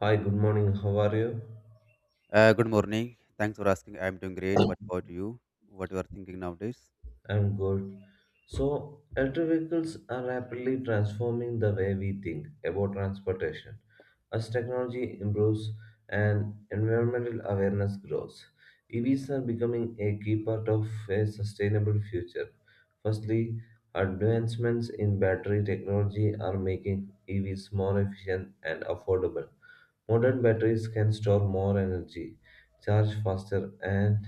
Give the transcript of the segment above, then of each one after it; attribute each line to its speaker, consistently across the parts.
Speaker 1: Hi, good morning. How are you?
Speaker 2: Good morning. Thanks for asking. I'm doing great. What about you? What you are thinking nowadays?
Speaker 1: I'm good. So, electric vehicles are rapidly transforming the way we think about transportation. As technology improves and environmental awareness grows, EVs are becoming a key part of a sustainable future. Firstly, advancements in battery technology are making EVs more efficient and affordable. Modern batteries can store more energy, charge faster, and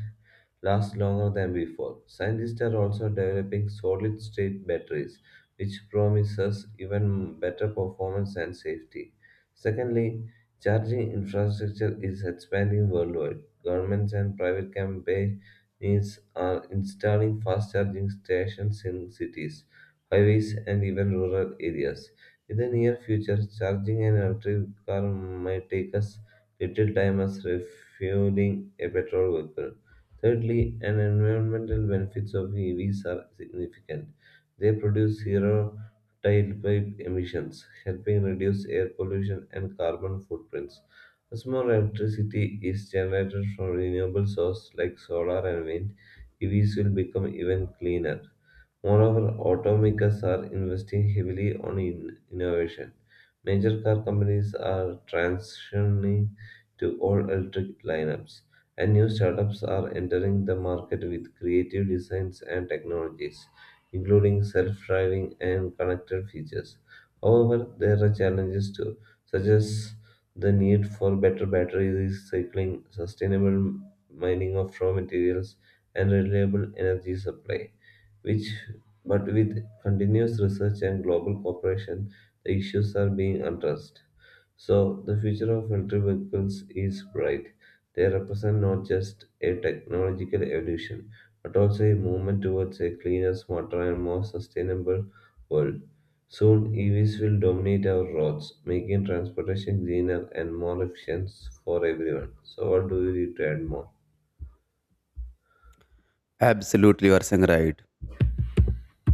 Speaker 1: last longer than before. Scientists are also developing solid-state batteries, which promises even better performance and safety. Secondly, charging infrastructure is expanding worldwide. Governments and private companies are installing fast charging stations in cities, highways, and even rural areas. In the near future, charging an electric car might take us little time as refueling a petrol vehicle. Thirdly, and environmental benefits of EVs are significant. They produce zero tailpipe emissions, helping reduce air pollution and carbon footprints. As more electricity is generated from renewable sources like solar and wind, EVs will become even cleaner. Moreover, automakers are investing heavily on in innovation. Major car companies are transitioning to all-electric lineups, and new startups are entering the market with creative designs and technologies, including self-driving and connected features. However, there are challenges too, such as the need for better battery recycling, sustainable mining of raw materials, and reliable energy supply which but with continuous research and global cooperation, the issues are being addressed. So the future of electric vehicles is bright. They represent not just a technological evolution, but also a movement towards a cleaner, smarter, and more sustainable world. Soon, EVs will dominate our roads, making transportation greener and more efficient for everyone. So, what do you need to add more?
Speaker 2: Absolutely, you are saying right.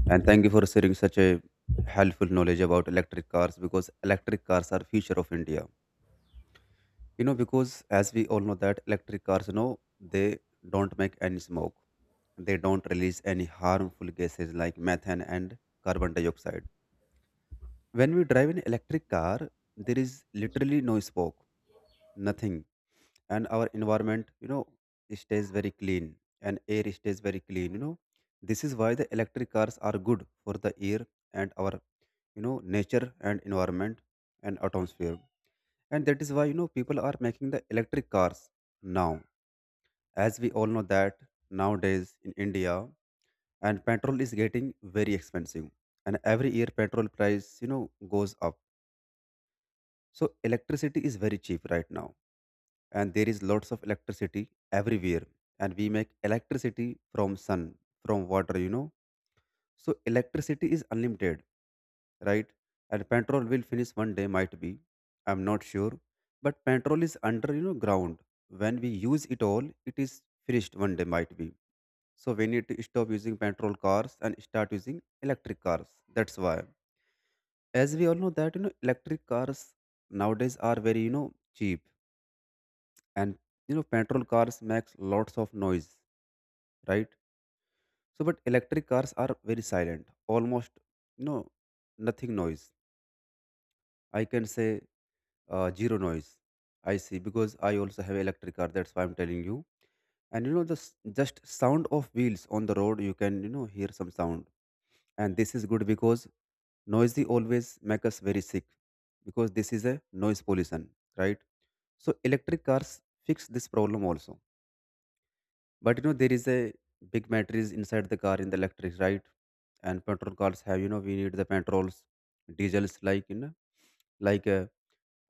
Speaker 2: And thank you for sharing such a helpful knowledge about electric cars because electric cars are future of India. Because as we all know that electric cars, they don't make any smoke. They don't release any harmful gases like methane and carbon dioxide. When we drive an electric car, there is literally no smoke, nothing, and our environment stays very clean, and air stays very clean. This is why the electric cars are good for the air and our nature and environment and atmosphere. And that is why people are making the electric cars now. As we all know that, nowadays in India, and petrol is getting very expensive, and every year petrol price goes up. So electricity is very cheap right now, and there is lots of electricity everywhere, and we make electricity from sun, from water. So electricity is unlimited, right? And petrol will finish one day, might be. I'm not sure, but petrol is under ground. When we use it all, it is finished one day, might be. So we need to stop using petrol cars and start using electric cars. That's why, as we all know that, electric cars nowadays are very, cheap. And petrol cars makes lots of noise, right? So but electric cars are very silent, almost, you know nothing noise, I can say, zero noise. I see, because I also have electric car, that's why I'm telling you. And just sound of wheels on the road, you can hear some sound. And this is good because noisy always make us very sick because this is a noise pollution, right? So electric cars fix this problem also. But there is a big batteries inside the car in the electric, right? And petrol cars have, we need the petrols, diesels, like like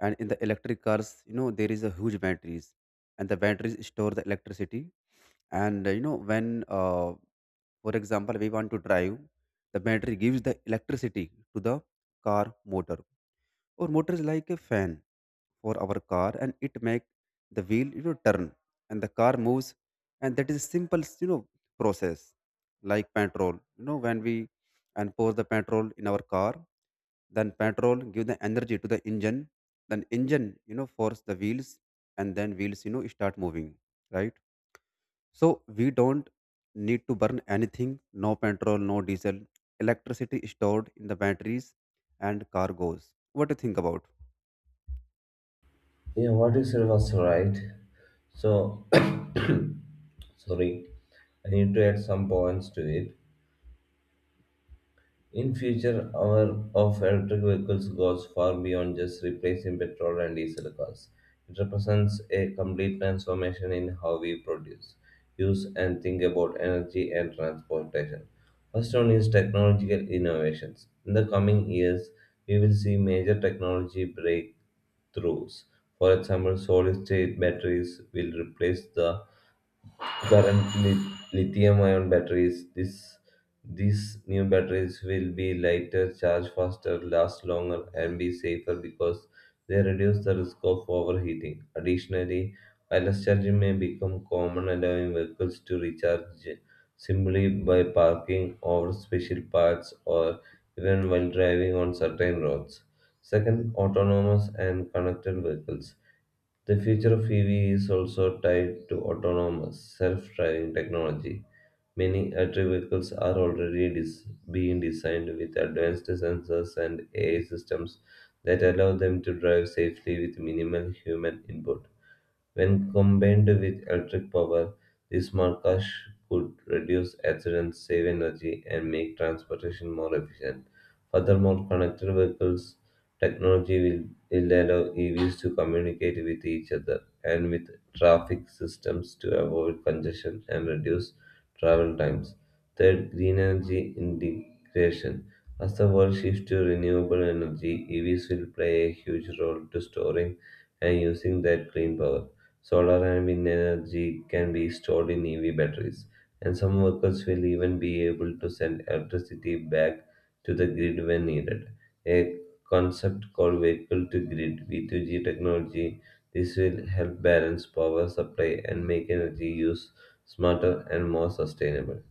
Speaker 2: and in the electric cars, there is a huge batteries, and the batteries store the electricity. And when for example, we want to drive, the battery gives the electricity to the car motor, or motor is like a fan for our car, and it make the wheel turn, and the car moves. And that is a simple process. Like petrol, when we and pour the petrol in our car, then petrol give the energy to the engine, then engine force the wheels, and then wheels start moving, right? So we don't need to burn anything, no petrol, no diesel. Electricity is stored in the batteries and car goes. What do you think about?
Speaker 1: Yeah, what you said was right. So, sorry, I need to add some points to it. In future, our of electric vehicles goes far beyond just replacing petrol and diesel cars. It represents a complete transformation in how we produce, use, and think about energy and transportation. First one is technological innovations. In the coming years, we will see major technology breakthroughs. For example, solid state batteries will replace the currently lithium-ion batteries. These new batteries will be lighter, charge faster, last longer, and be safer because they reduce the risk of overheating. Additionally, wireless charging may become common, allowing vehicles to recharge simply by parking over special paths or even while driving on certain roads. Second, autonomous and connected vehicles. The future of EV is also tied to autonomous, self driving technology. Many electric vehicles are already being designed with advanced sensors and AI systems that allow them to drive safely with minimal human input. When combined with electric power, these markers could reduce accidents, save energy, and make transportation more efficient. Furthermore, connected vehicles technology will allow EVs to communicate with each other and with traffic systems to avoid congestion and reduce travel times. Third, green energy integration. As the world shifts to renewable energy, EVs will play a huge role to storing and using that clean power. Solar and wind energy can be stored in EV batteries, and some workers will even be able to send electricity back to the grid when needed. A concept called vehicle to grid V2G technology. This will help balance power supply and make energy use smarter and more sustainable.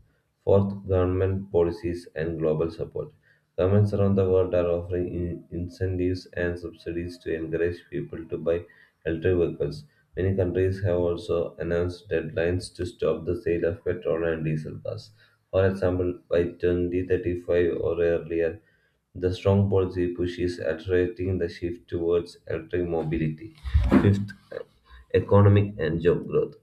Speaker 1: Fourth, government policies and global support. Governments around the world are offering incentives and subsidies to encourage people to buy electric vehicles. Many countries have also announced deadlines to stop the sale of petrol and diesel cars. For example, by 2035 or earlier, the strong policy push is accelerating the shift towards electric mobility. Fifth, economic and job growth.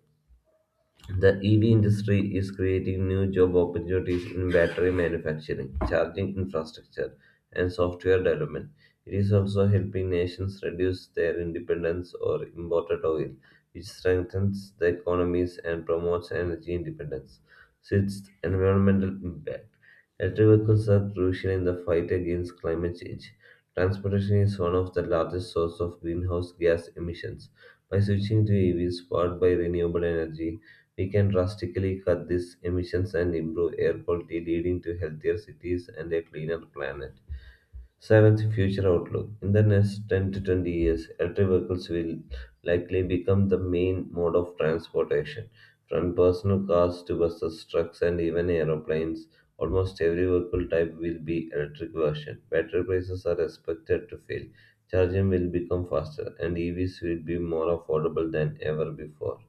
Speaker 1: The EV industry is creating new job opportunities in battery manufacturing, charging infrastructure, and software development. It is also helping nations reduce their dependence on imported oil, which strengthens the economies and promotes energy independence. Sixth, environmental impact. Electric vehicles are crucial in the fight against climate change. Transportation is one of the largest sources of greenhouse gas emissions. By switching to EVs powered by renewable energy, we can drastically cut these emissions and improve air quality, leading to healthier cities and a cleaner planet. Seventh, future outlook. In the next 10 to 20 years, electric vehicles will likely become the main mode of transportation. From personal cars to buses, trucks, and even aeroplanes, almost every vehicle type will be electric version. Battery prices are expected to fall, charging will become faster, and EVs will be more affordable than ever before.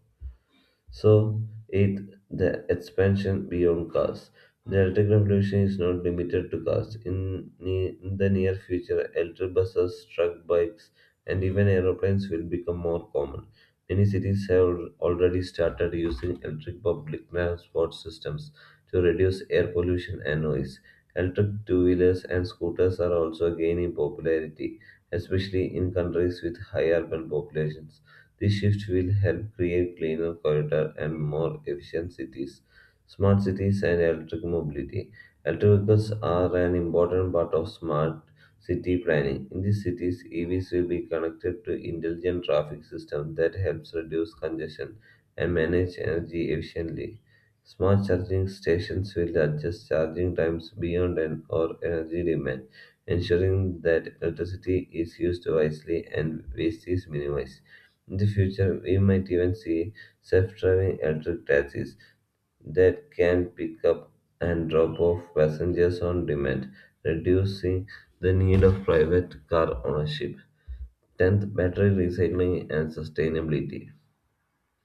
Speaker 1: So, eighth, the expansion beyond cars. The electric revolution is not limited to cars. In the near future, electric buses, truck bikes, and even aeroplanes will become more common. Many cities have already started using electric public transport systems to reduce air pollution and noise. Electric two wheelers and scooters are also gaining popularity, especially in countries with high urban populations. This shift will help create cleaner corridors and more efficient cities, smart cities, and electric mobility. Electric vehicles are an important part of smart city planning. In these cities, EVs will be connected to intelligent traffic systems that helps reduce congestion and manage energy efficiently. Smart charging stations will adjust charging times beyond an or energy demand, ensuring that electricity is used wisely and waste is minimized. In the future, we might even see self driving electric taxis that can pick up and drop off passengers on demand, reducing the need of private car ownership. 10th, battery recycling and sustainability.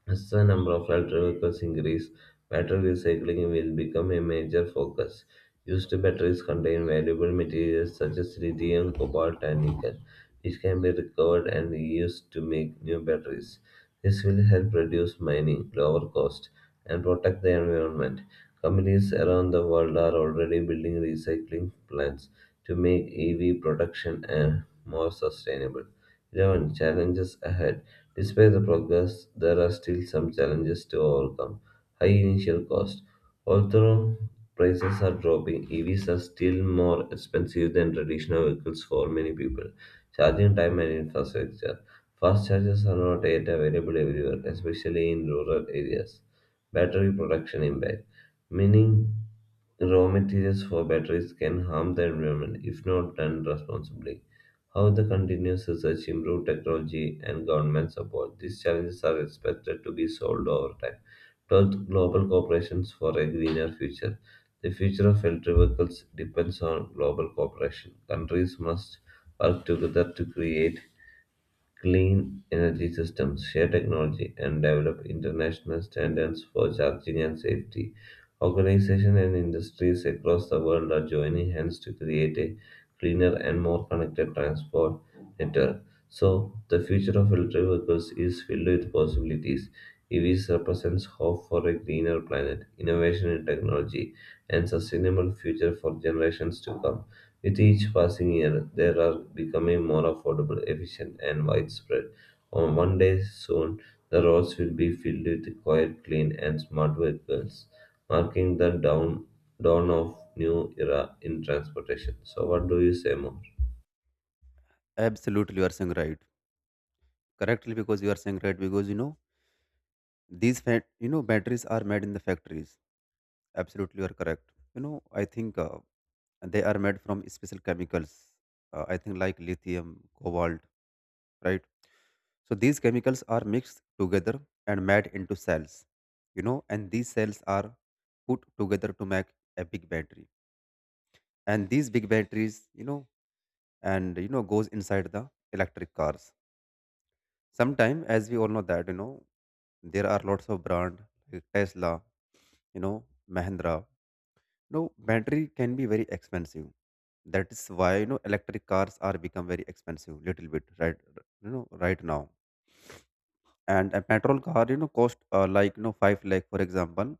Speaker 1: As the number of electric vehicles increase, battery recycling will become a major focus. Used batteries contain valuable materials such as lithium, cobalt, and nickel, which can be recovered and reused to make new batteries. This will help reduce mining, lower cost, and protect the environment. Companies around the world are already building recycling plants to make EV production more sustainable. 11. Challenges ahead. Despite the progress, there are still some challenges to overcome. High initial cost. Although prices are dropping, EVs are still more expensive than traditional vehicles for many people. Charging time and infrastructure. Fast chargers are not yet available everywhere, especially in rural areas. Battery production impact, meaning raw materials for batteries can harm the environment if not done responsibly. How the continuous research, improved technology, and government support, these challenges are expected to be solved over time. 12th, global cooperation for a greener future. The future of electric vehicles depends on global cooperation. Countries must work together to create clean energy systems, share technology, and develop international standards for charging and safety. Organizations and industries across the world are joining hands to create a cleaner and more connected transport network. So, the future of electric vehicles is filled with possibilities. EVs represents hope for a greener planet, innovation in technology, and sustainable future for generations to come. With each passing year, they are becoming more affordable, efficient, and widespread. On one day soon, the roads will be filled with quiet, clean, and smart vehicles, marking the dawn of new era in transportation. So, what do you say more?
Speaker 2: Absolutely, you are saying right correctly because you are saying right. Because these fat batteries are made in the factories. Absolutely, you are correct. you know I think they are made from special chemicals, I think, like lithium, cobalt, right? So these chemicals are mixed together and made into cells, and these cells are put together to make a big battery. And these big batteries, and goes inside the electric cars. Sometime, as we all know that, there are lots of brand like Tesla, Mahindra. No, battery can be very expensive. That is why, electric cars are become very expensive little bit, right? Right now. And a petrol car, cost like, 5 lakh, for example.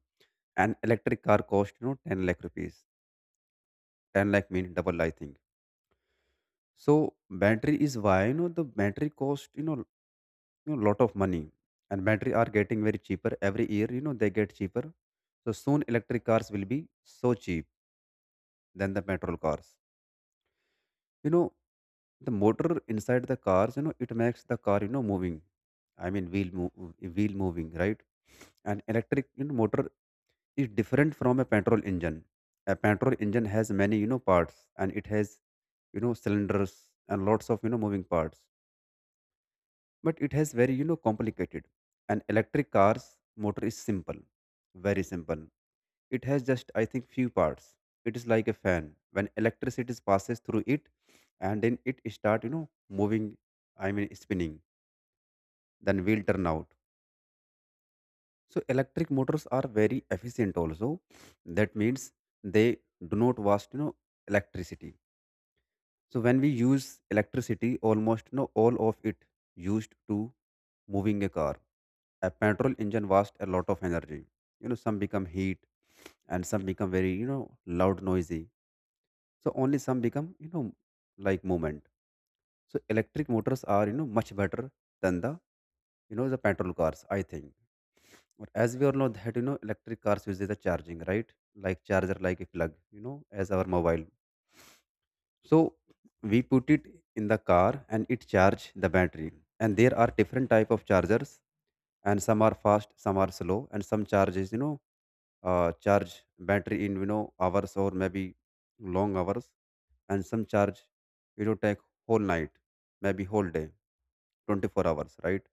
Speaker 2: An electric car cost, 10 lakh rupees. 10 lakh mean double, I think. So battery is why, the battery cost, lot of money. And battery are getting very cheaper every year, they get cheaper. So soon electric cars will be so cheap than the petrol cars you know the motor inside the cars, it makes the car moving, I mean wheel move, wheel moving, right? And electric, motor is different from a petrol engine. A petrol engine has many parts, and it has cylinders and lots of moving parts. But it has very complicated. An electric car's motor is simple. Very simple. It has just, I think, few parts. It is like a fan. When electricity passes through it, and then it start, moving, I mean spinning, then wheel turn out. So electric motors are very efficient also. That means they do not waste electricity. So when we use electricity, almost all of it used to moving a car. A petrol engine wastes a lot of energy, some become heat and some become very, loud noisy. So only some become like movement. So electric motors are, much better than the you know the petrol cars, I think. But as we all know that, electric cars uses a charging, right? Like charger, like a plug, as our mobile. So we put it in the car and it charge the battery. And there are different type of chargers, and some are fast, some are slow, and some charges, charge battery in, hours, or maybe long hours. And some charge, take whole night, maybe whole day, 24 hours, right?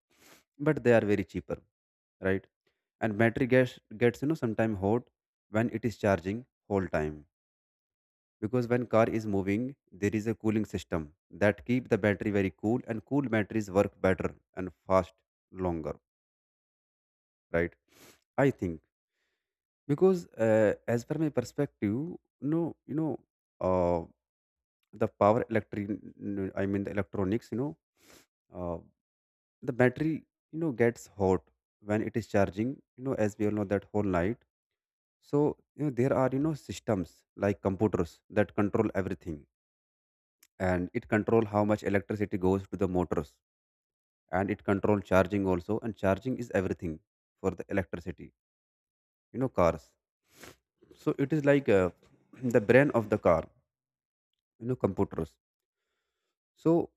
Speaker 2: But they are very cheaper, right? And battery gets sometime hot when it is charging whole time. Because when car is moving, there is a cooling system that keep the battery very cool, and cool batteries work better and fast longer, right, I think. Because as per my perspective, no, you know uh, the power electric, I mean the electronics, uh, the battery, gets hot when it is charging, as we all know that, whole night. So there are systems like computers that control everything. And it control how much electricity goes to the motors, and it control charging also. And charging is everything for the electricity cars. So it is like the brain of the car, computers. So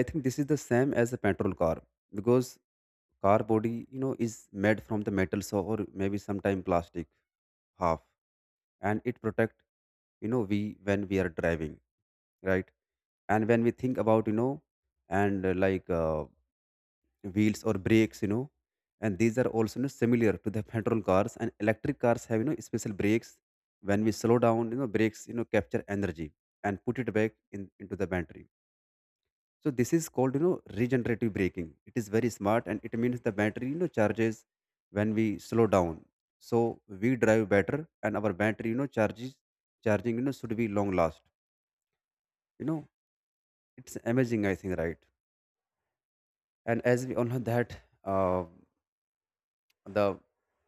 Speaker 2: I think this is the same as a petrol car. Because car body, is made from the metals or maybe sometime plastic half. And it protect, we when we are driving, right? And when we think about, you know and like wheels or brakes, and these are also, similar to the petrol cars. And electric cars have special brakes. When we slow down, brakes, capture energy and put it back in into the battery. So this is called, regenerative braking. It is very smart and it means the battery, charges when we slow down. So we drive better and our battery, charges charging, should be long last. You know, it's amazing, I think, right? And as we all know that, uh, the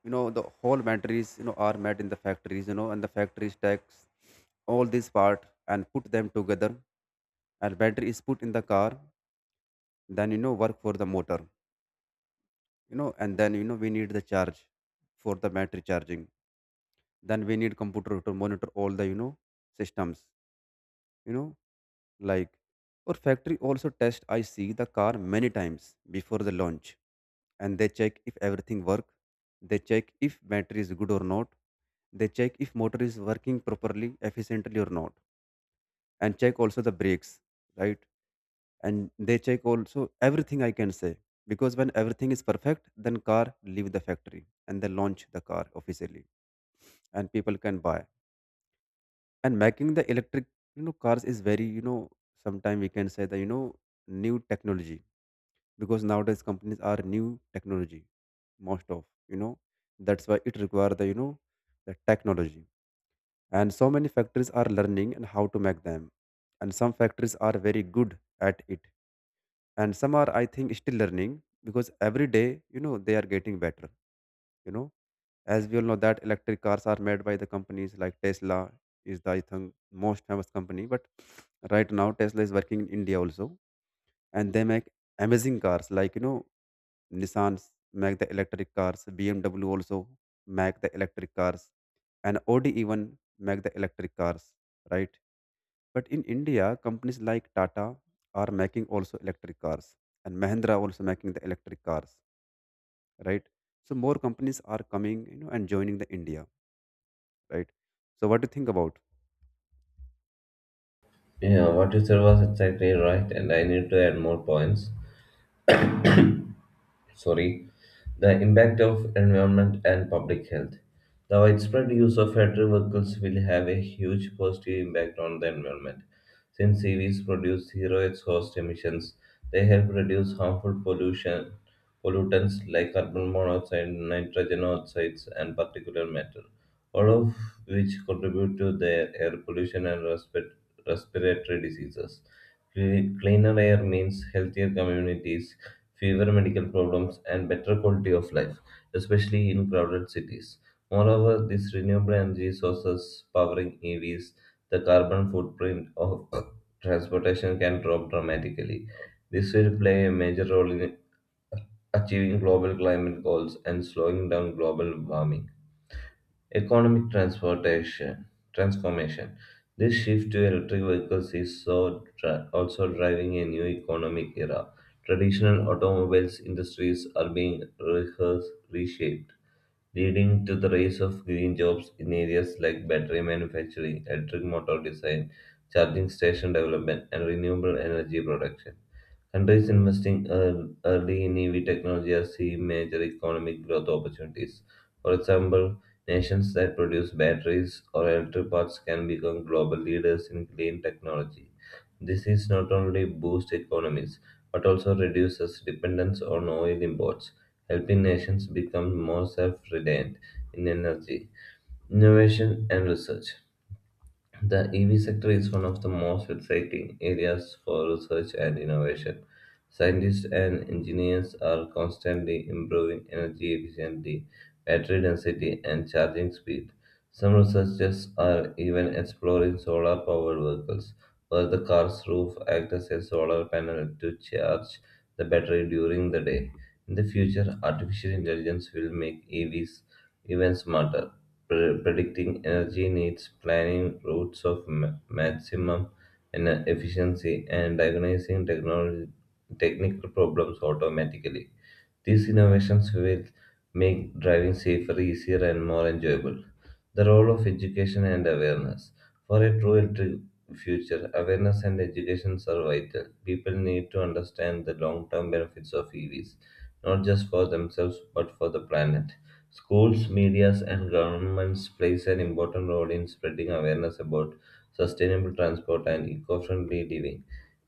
Speaker 2: the whole batteries, are made in the factories, and the factories takes all these part and put them together, and battery is put in the car, then work for the motor, and then we need the charge for the battery charging, then we need computer to monitor all the systems, you know like. Or factory also test, I see, the car many times before the launch. And they check if everything work, they check if battery is good or not, they check if motor is working properly efficiently or not, and check also the brakes, right? And they check also everything, I can say. Because when everything is perfect, then car leave the factory and they launch the car officially, and people can buy. And making the electric cars is very, sometime we can say that, new technology. Because nowadays companies are new technology most of, that's why it require the you know the technology. And so many factories are learning and how to make them. And some factories are very good at it, and some are, I think, still learning. Because every day, they are getting better you know as we all know that electric cars are made by the companies like Tesla is the, I think, most famous company. But right now Tesla is working in India also, and they make amazing cars like, Nissans make the electric cars, BMW also make the electric cars, and Audi even make the electric cars, right? But In India, companies like Tata are making also electric cars, and Mahindra also making the electric cars, right? So more companies are coming, and joining the India, right? So what do you think about?
Speaker 1: Yeah, what you said was exactly right, and I need to add more points. Sorry, the impact of environment and public health. The widespread use of electric vehicles will have a huge positive impact on the environment. Since EVs produce zero exhaust emissions, they help reduce harmful pollution pollutants like carbon monoxide, nitrogen oxides, and particulate matter all of which contribute to their air pollution and respiratory diseases. Cleaner air means healthier communities, fewer medical problems, and better quality of life, especially in crowded cities. Moreover, these renewable energy sources powering EVs, the carbon footprint of transportation can drop dramatically. This will play a major role in achieving global climate goals and slowing down global warming. Economic transportation transformation. This shift to electric vehicles is so also driving a new economic era. Traditional automobiles industries are being rehearsed, reshaped, leading to the rise of green jobs in areas like battery manufacturing, electric motor design, charging station development, and renewable energy production. Countries investing early in EV technology are seeing major economic growth opportunities. For example, nations that produce batteries or electric parts can become global leaders in clean technology. This is not only boost economies but also reduces dependence on oil imports, helping nations become more self-reliant in energy, innovation, and research. The EV sector is one of the most exciting areas for research and innovation. Scientists and engineers are constantly improving energy efficiency, battery density, and charging speed. Some researchers are even exploring solar powered vehicles, where the car's roof acts as a solar panel to charge the battery during the day. In the future, artificial intelligence will make EVs even smarter predicting energy needs, planning routes of maximum efficiency, and diagnosing technical problems automatically. These innovations will make driving safer, easier, and more enjoyable. The role of education and awareness. For a true electric future, awareness and education are vital. People need to understand the long term benefits of EVs, not just for themselves but for the planet. Schools, medias, and governments plays an important role in spreading awareness about sustainable transport and eco-friendly living.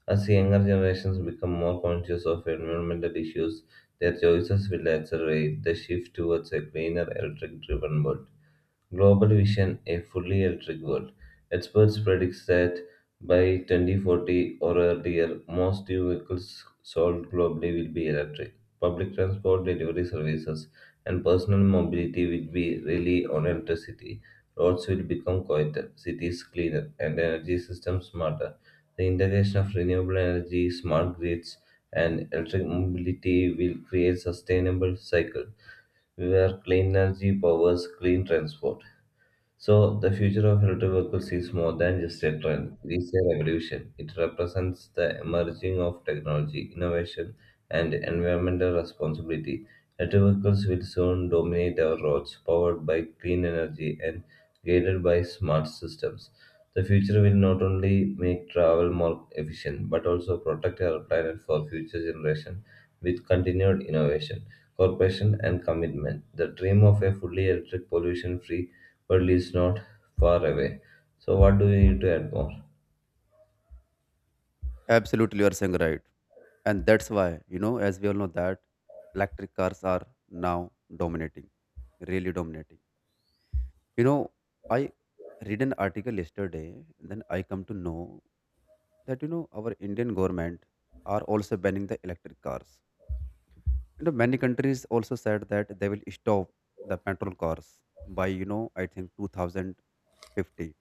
Speaker 1: As younger generations become more conscious of environmental issues, their choices will accelerate the shift towards a cleaner, electric driven world. Global Vision: A Fully Electric World. Experts predict that by 2040 or earlier, most new vehicles sold globally will be electric. Public transport delivery services and personal mobility will be really on electricity. Roads will become quieter, cities cleaner, and energy systems smarter. The integration of renewable energy, smart grids, and electric mobility will create sustainable cycle where clean energy powers clean transport. So the future of electric vehicles is more than just a trend. It is a revolution. It represents the emerging of technology, innovation, and environmental responsibility. Electric vehicles will soon dominate our roads, powered by clean energy and guided by smart systems. The future will not only make travel more efficient but also protect our planet for future generations with continued innovation, cooperation, and commitment. The dream of a fully electric, pollution free world is not far away. So, what do we need to add more?
Speaker 2: Absolutely, you are saying right, and that's why as we all know that electric cars are now dominating, really dominating. You know, I read an article yesterday, then I come to know that our Indian government are also banning the electric cars. Many countries also said that they will stop the petrol cars by, I think 2050. You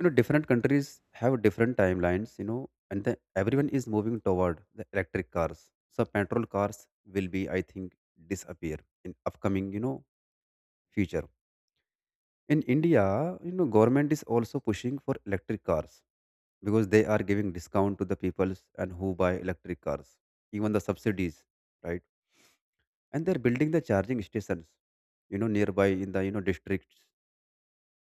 Speaker 2: different countries have different timelines, and everyone is moving toward the electric cars. So petrol cars will be, I think, disappear in upcoming, future. In India, government is also pushing for electric cars because they are giving discount to the people and who buy electric cars, even the subsidies, right? And they're building the charging stations nearby in the districts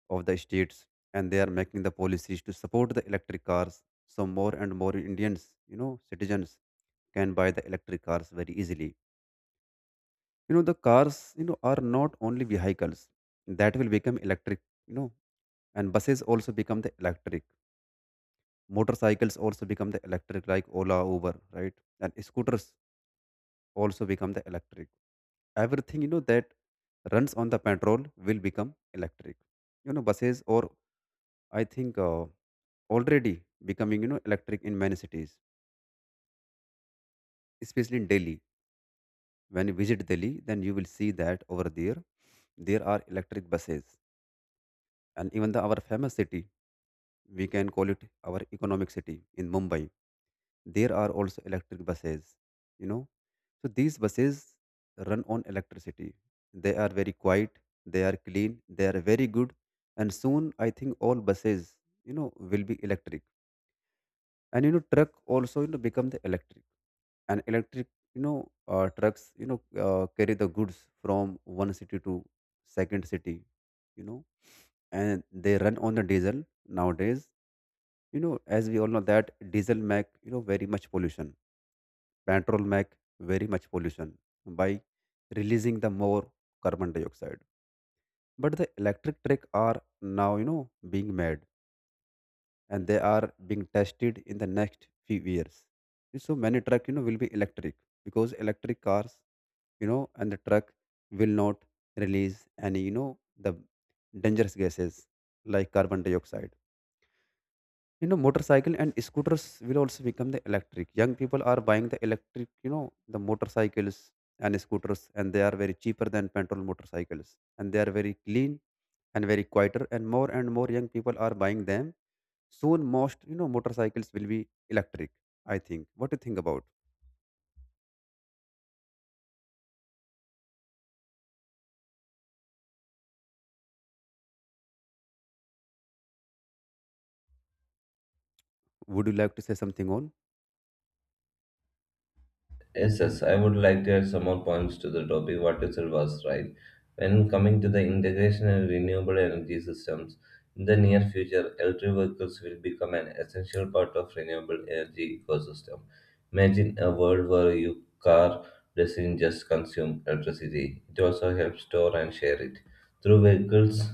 Speaker 2: of the states, and they are making the policies to support the electric cars, so more and more Indians, citizens, can buy the electric cars very easily. You know, the cars are not only vehicles that will become electric, you know and buses also become the electric. Motorcycles also become the electric, like Ola, Uber, right? And scooters also become the electric. Everything that runs on the petrol will become electric. You know, buses or I think already becoming electric in many cities, especially in Delhi. When you visit Delhi then you will see that over there there are electric buses. And even the our famous city, we can call it our economic city in Mumbai, there are also electric buses, you know. So these buses run on electricity. They are very quiet, they are clean, they are very good, and soon I think all buses, will be electric. And truck also become the electric, and electric trucks carry the goods from one city to second city, you know and they run on the diesel nowadays. You know, as we all know that diesel make very much pollution. Petrol make very much pollution by releasing the more carbon dioxide. But the electric truck are now being made, and they are being tested in the next few years. So many truck will be electric, because electric cars and the truck will not release any you know the dangerous gases like carbon dioxide. You know, motorcycle and scooters will also become the electric. Young people are buying the electric, the motorcycles and scooters, and they are very cheaper than petrol motorcycles. And they are very clean and very quieter. And more young people are buying them. Soon, most, motorcycles will be electric, I think. What do you think about? Would you like to say something on?
Speaker 1: Yes, yes, I would like to add some more points to the topic. What you said was right. When coming to the integration and renewable energy systems, in the near future, electric vehicles will become an essential part of renewable energy ecosystem. Imagine a world where your car doesn't just consume electricity; it also helps store and share it. Through vehicles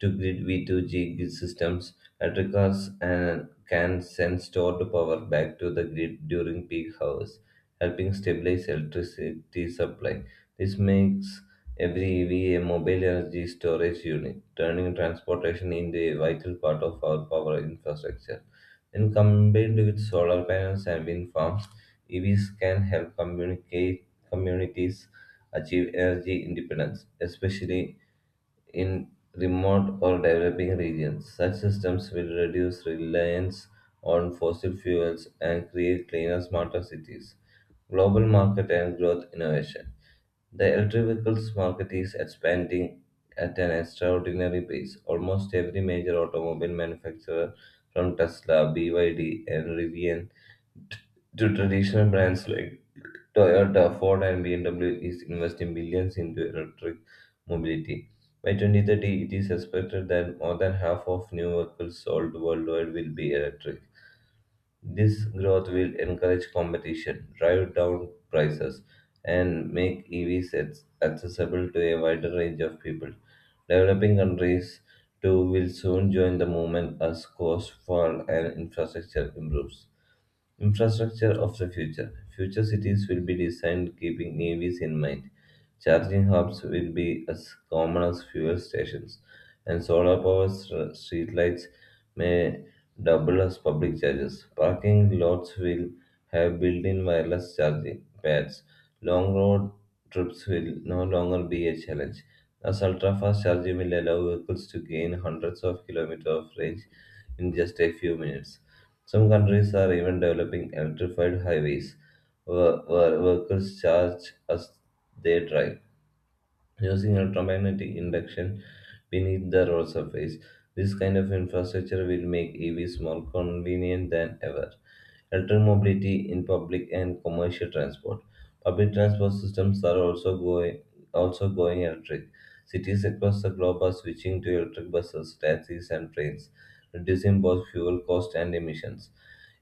Speaker 1: to grid V2G grid systems, electric cars and can send stored power back to the grid during peak hours helping stabilize electricity supply. This makes every EV a mobile energy storage unit, turning transportation into a vital part of our power infrastructure. When combined with solar panels and wind farms, EVs can help communicate communities achieve energy independence, especially in remote or developing regions. Such systems will reduce reliance on fossil fuels and create cleaner, smarter cities. Global market and growth innovation. The electric vehicles market is expanding at an extraordinary pace. Almost every major automobile manufacturer, from Tesla, BYD, and Rivian t- to traditional brands like Toyota, Ford, and BMW is investing billions into electric mobility. By 2030, it is expected that more than half of new vehicles sold worldwide will be electric. This growth will encourage competition, drive down prices, and make EVs accessible to a wider range of people. Developing countries too will soon join the movement as cost fall and infrastructure improves. Infrastructure of the future. Future cities will be designed keeping EVs in mind. Charging hubs will be as common as fuel stations, and solar powered street lights may double as public charges. Parking lots will have built in wireless charging pads. Long road trips will no longer be a challenge, as ultra fast charging will allow vehicles to gain hundreds of kilometers of range in just a few minutes. Some countries are even developing electrified highways where workers charge as they drive using electromagnetic induction beneath the road surface. This kind of infrastructure will make EVs more convenient than ever. Electric mobility in public and commercial transport. Public transport systems are also going electric. Cities across the globe are switching to electric buses, taxis, and trains, reducing both fuel cost and emissions.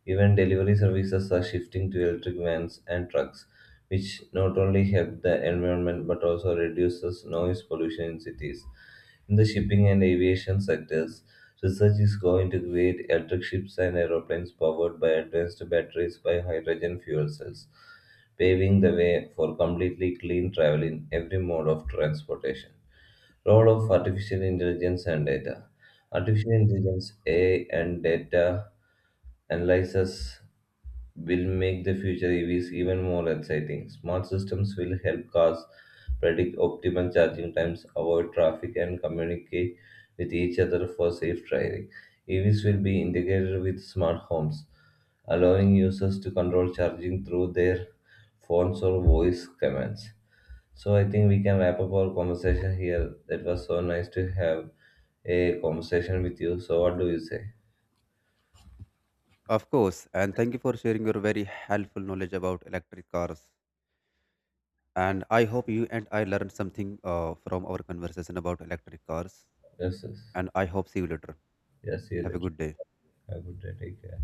Speaker 1: Even delivery services are shifting to electric vans and trucks, which not only help the environment but also reduces noise pollution in cities. In the shipping and aviation sectors, research is going to create electric ships and aeroplanes powered by advanced batteries by hydrogen fuel cells, paving the way for completely clean travel in every mode of transportation. Role of artificial intelligence and data. Artificial intelligence, AI, and data analysis will make the future EVs even more exciting. Smart systems will help cars predict optimal charging times, avoid traffic, and communicate with each other for safe driving. EVs will be integrated with smart homes, allowing users to control charging through their phones or voice commands. So I think we can wrap up our conversation here. That was so nice to have a conversation with you. So what do you say?
Speaker 2: Of course. And thank you for sharing your very helpful knowledge about electric cars. And I hope you and I learned something from our conversation about electric cars.
Speaker 1: Yes, yes.
Speaker 2: And I hope see you later.
Speaker 1: Yes, see you
Speaker 2: Have a
Speaker 1: later.
Speaker 2: good day.
Speaker 1: Have a good day. Take care.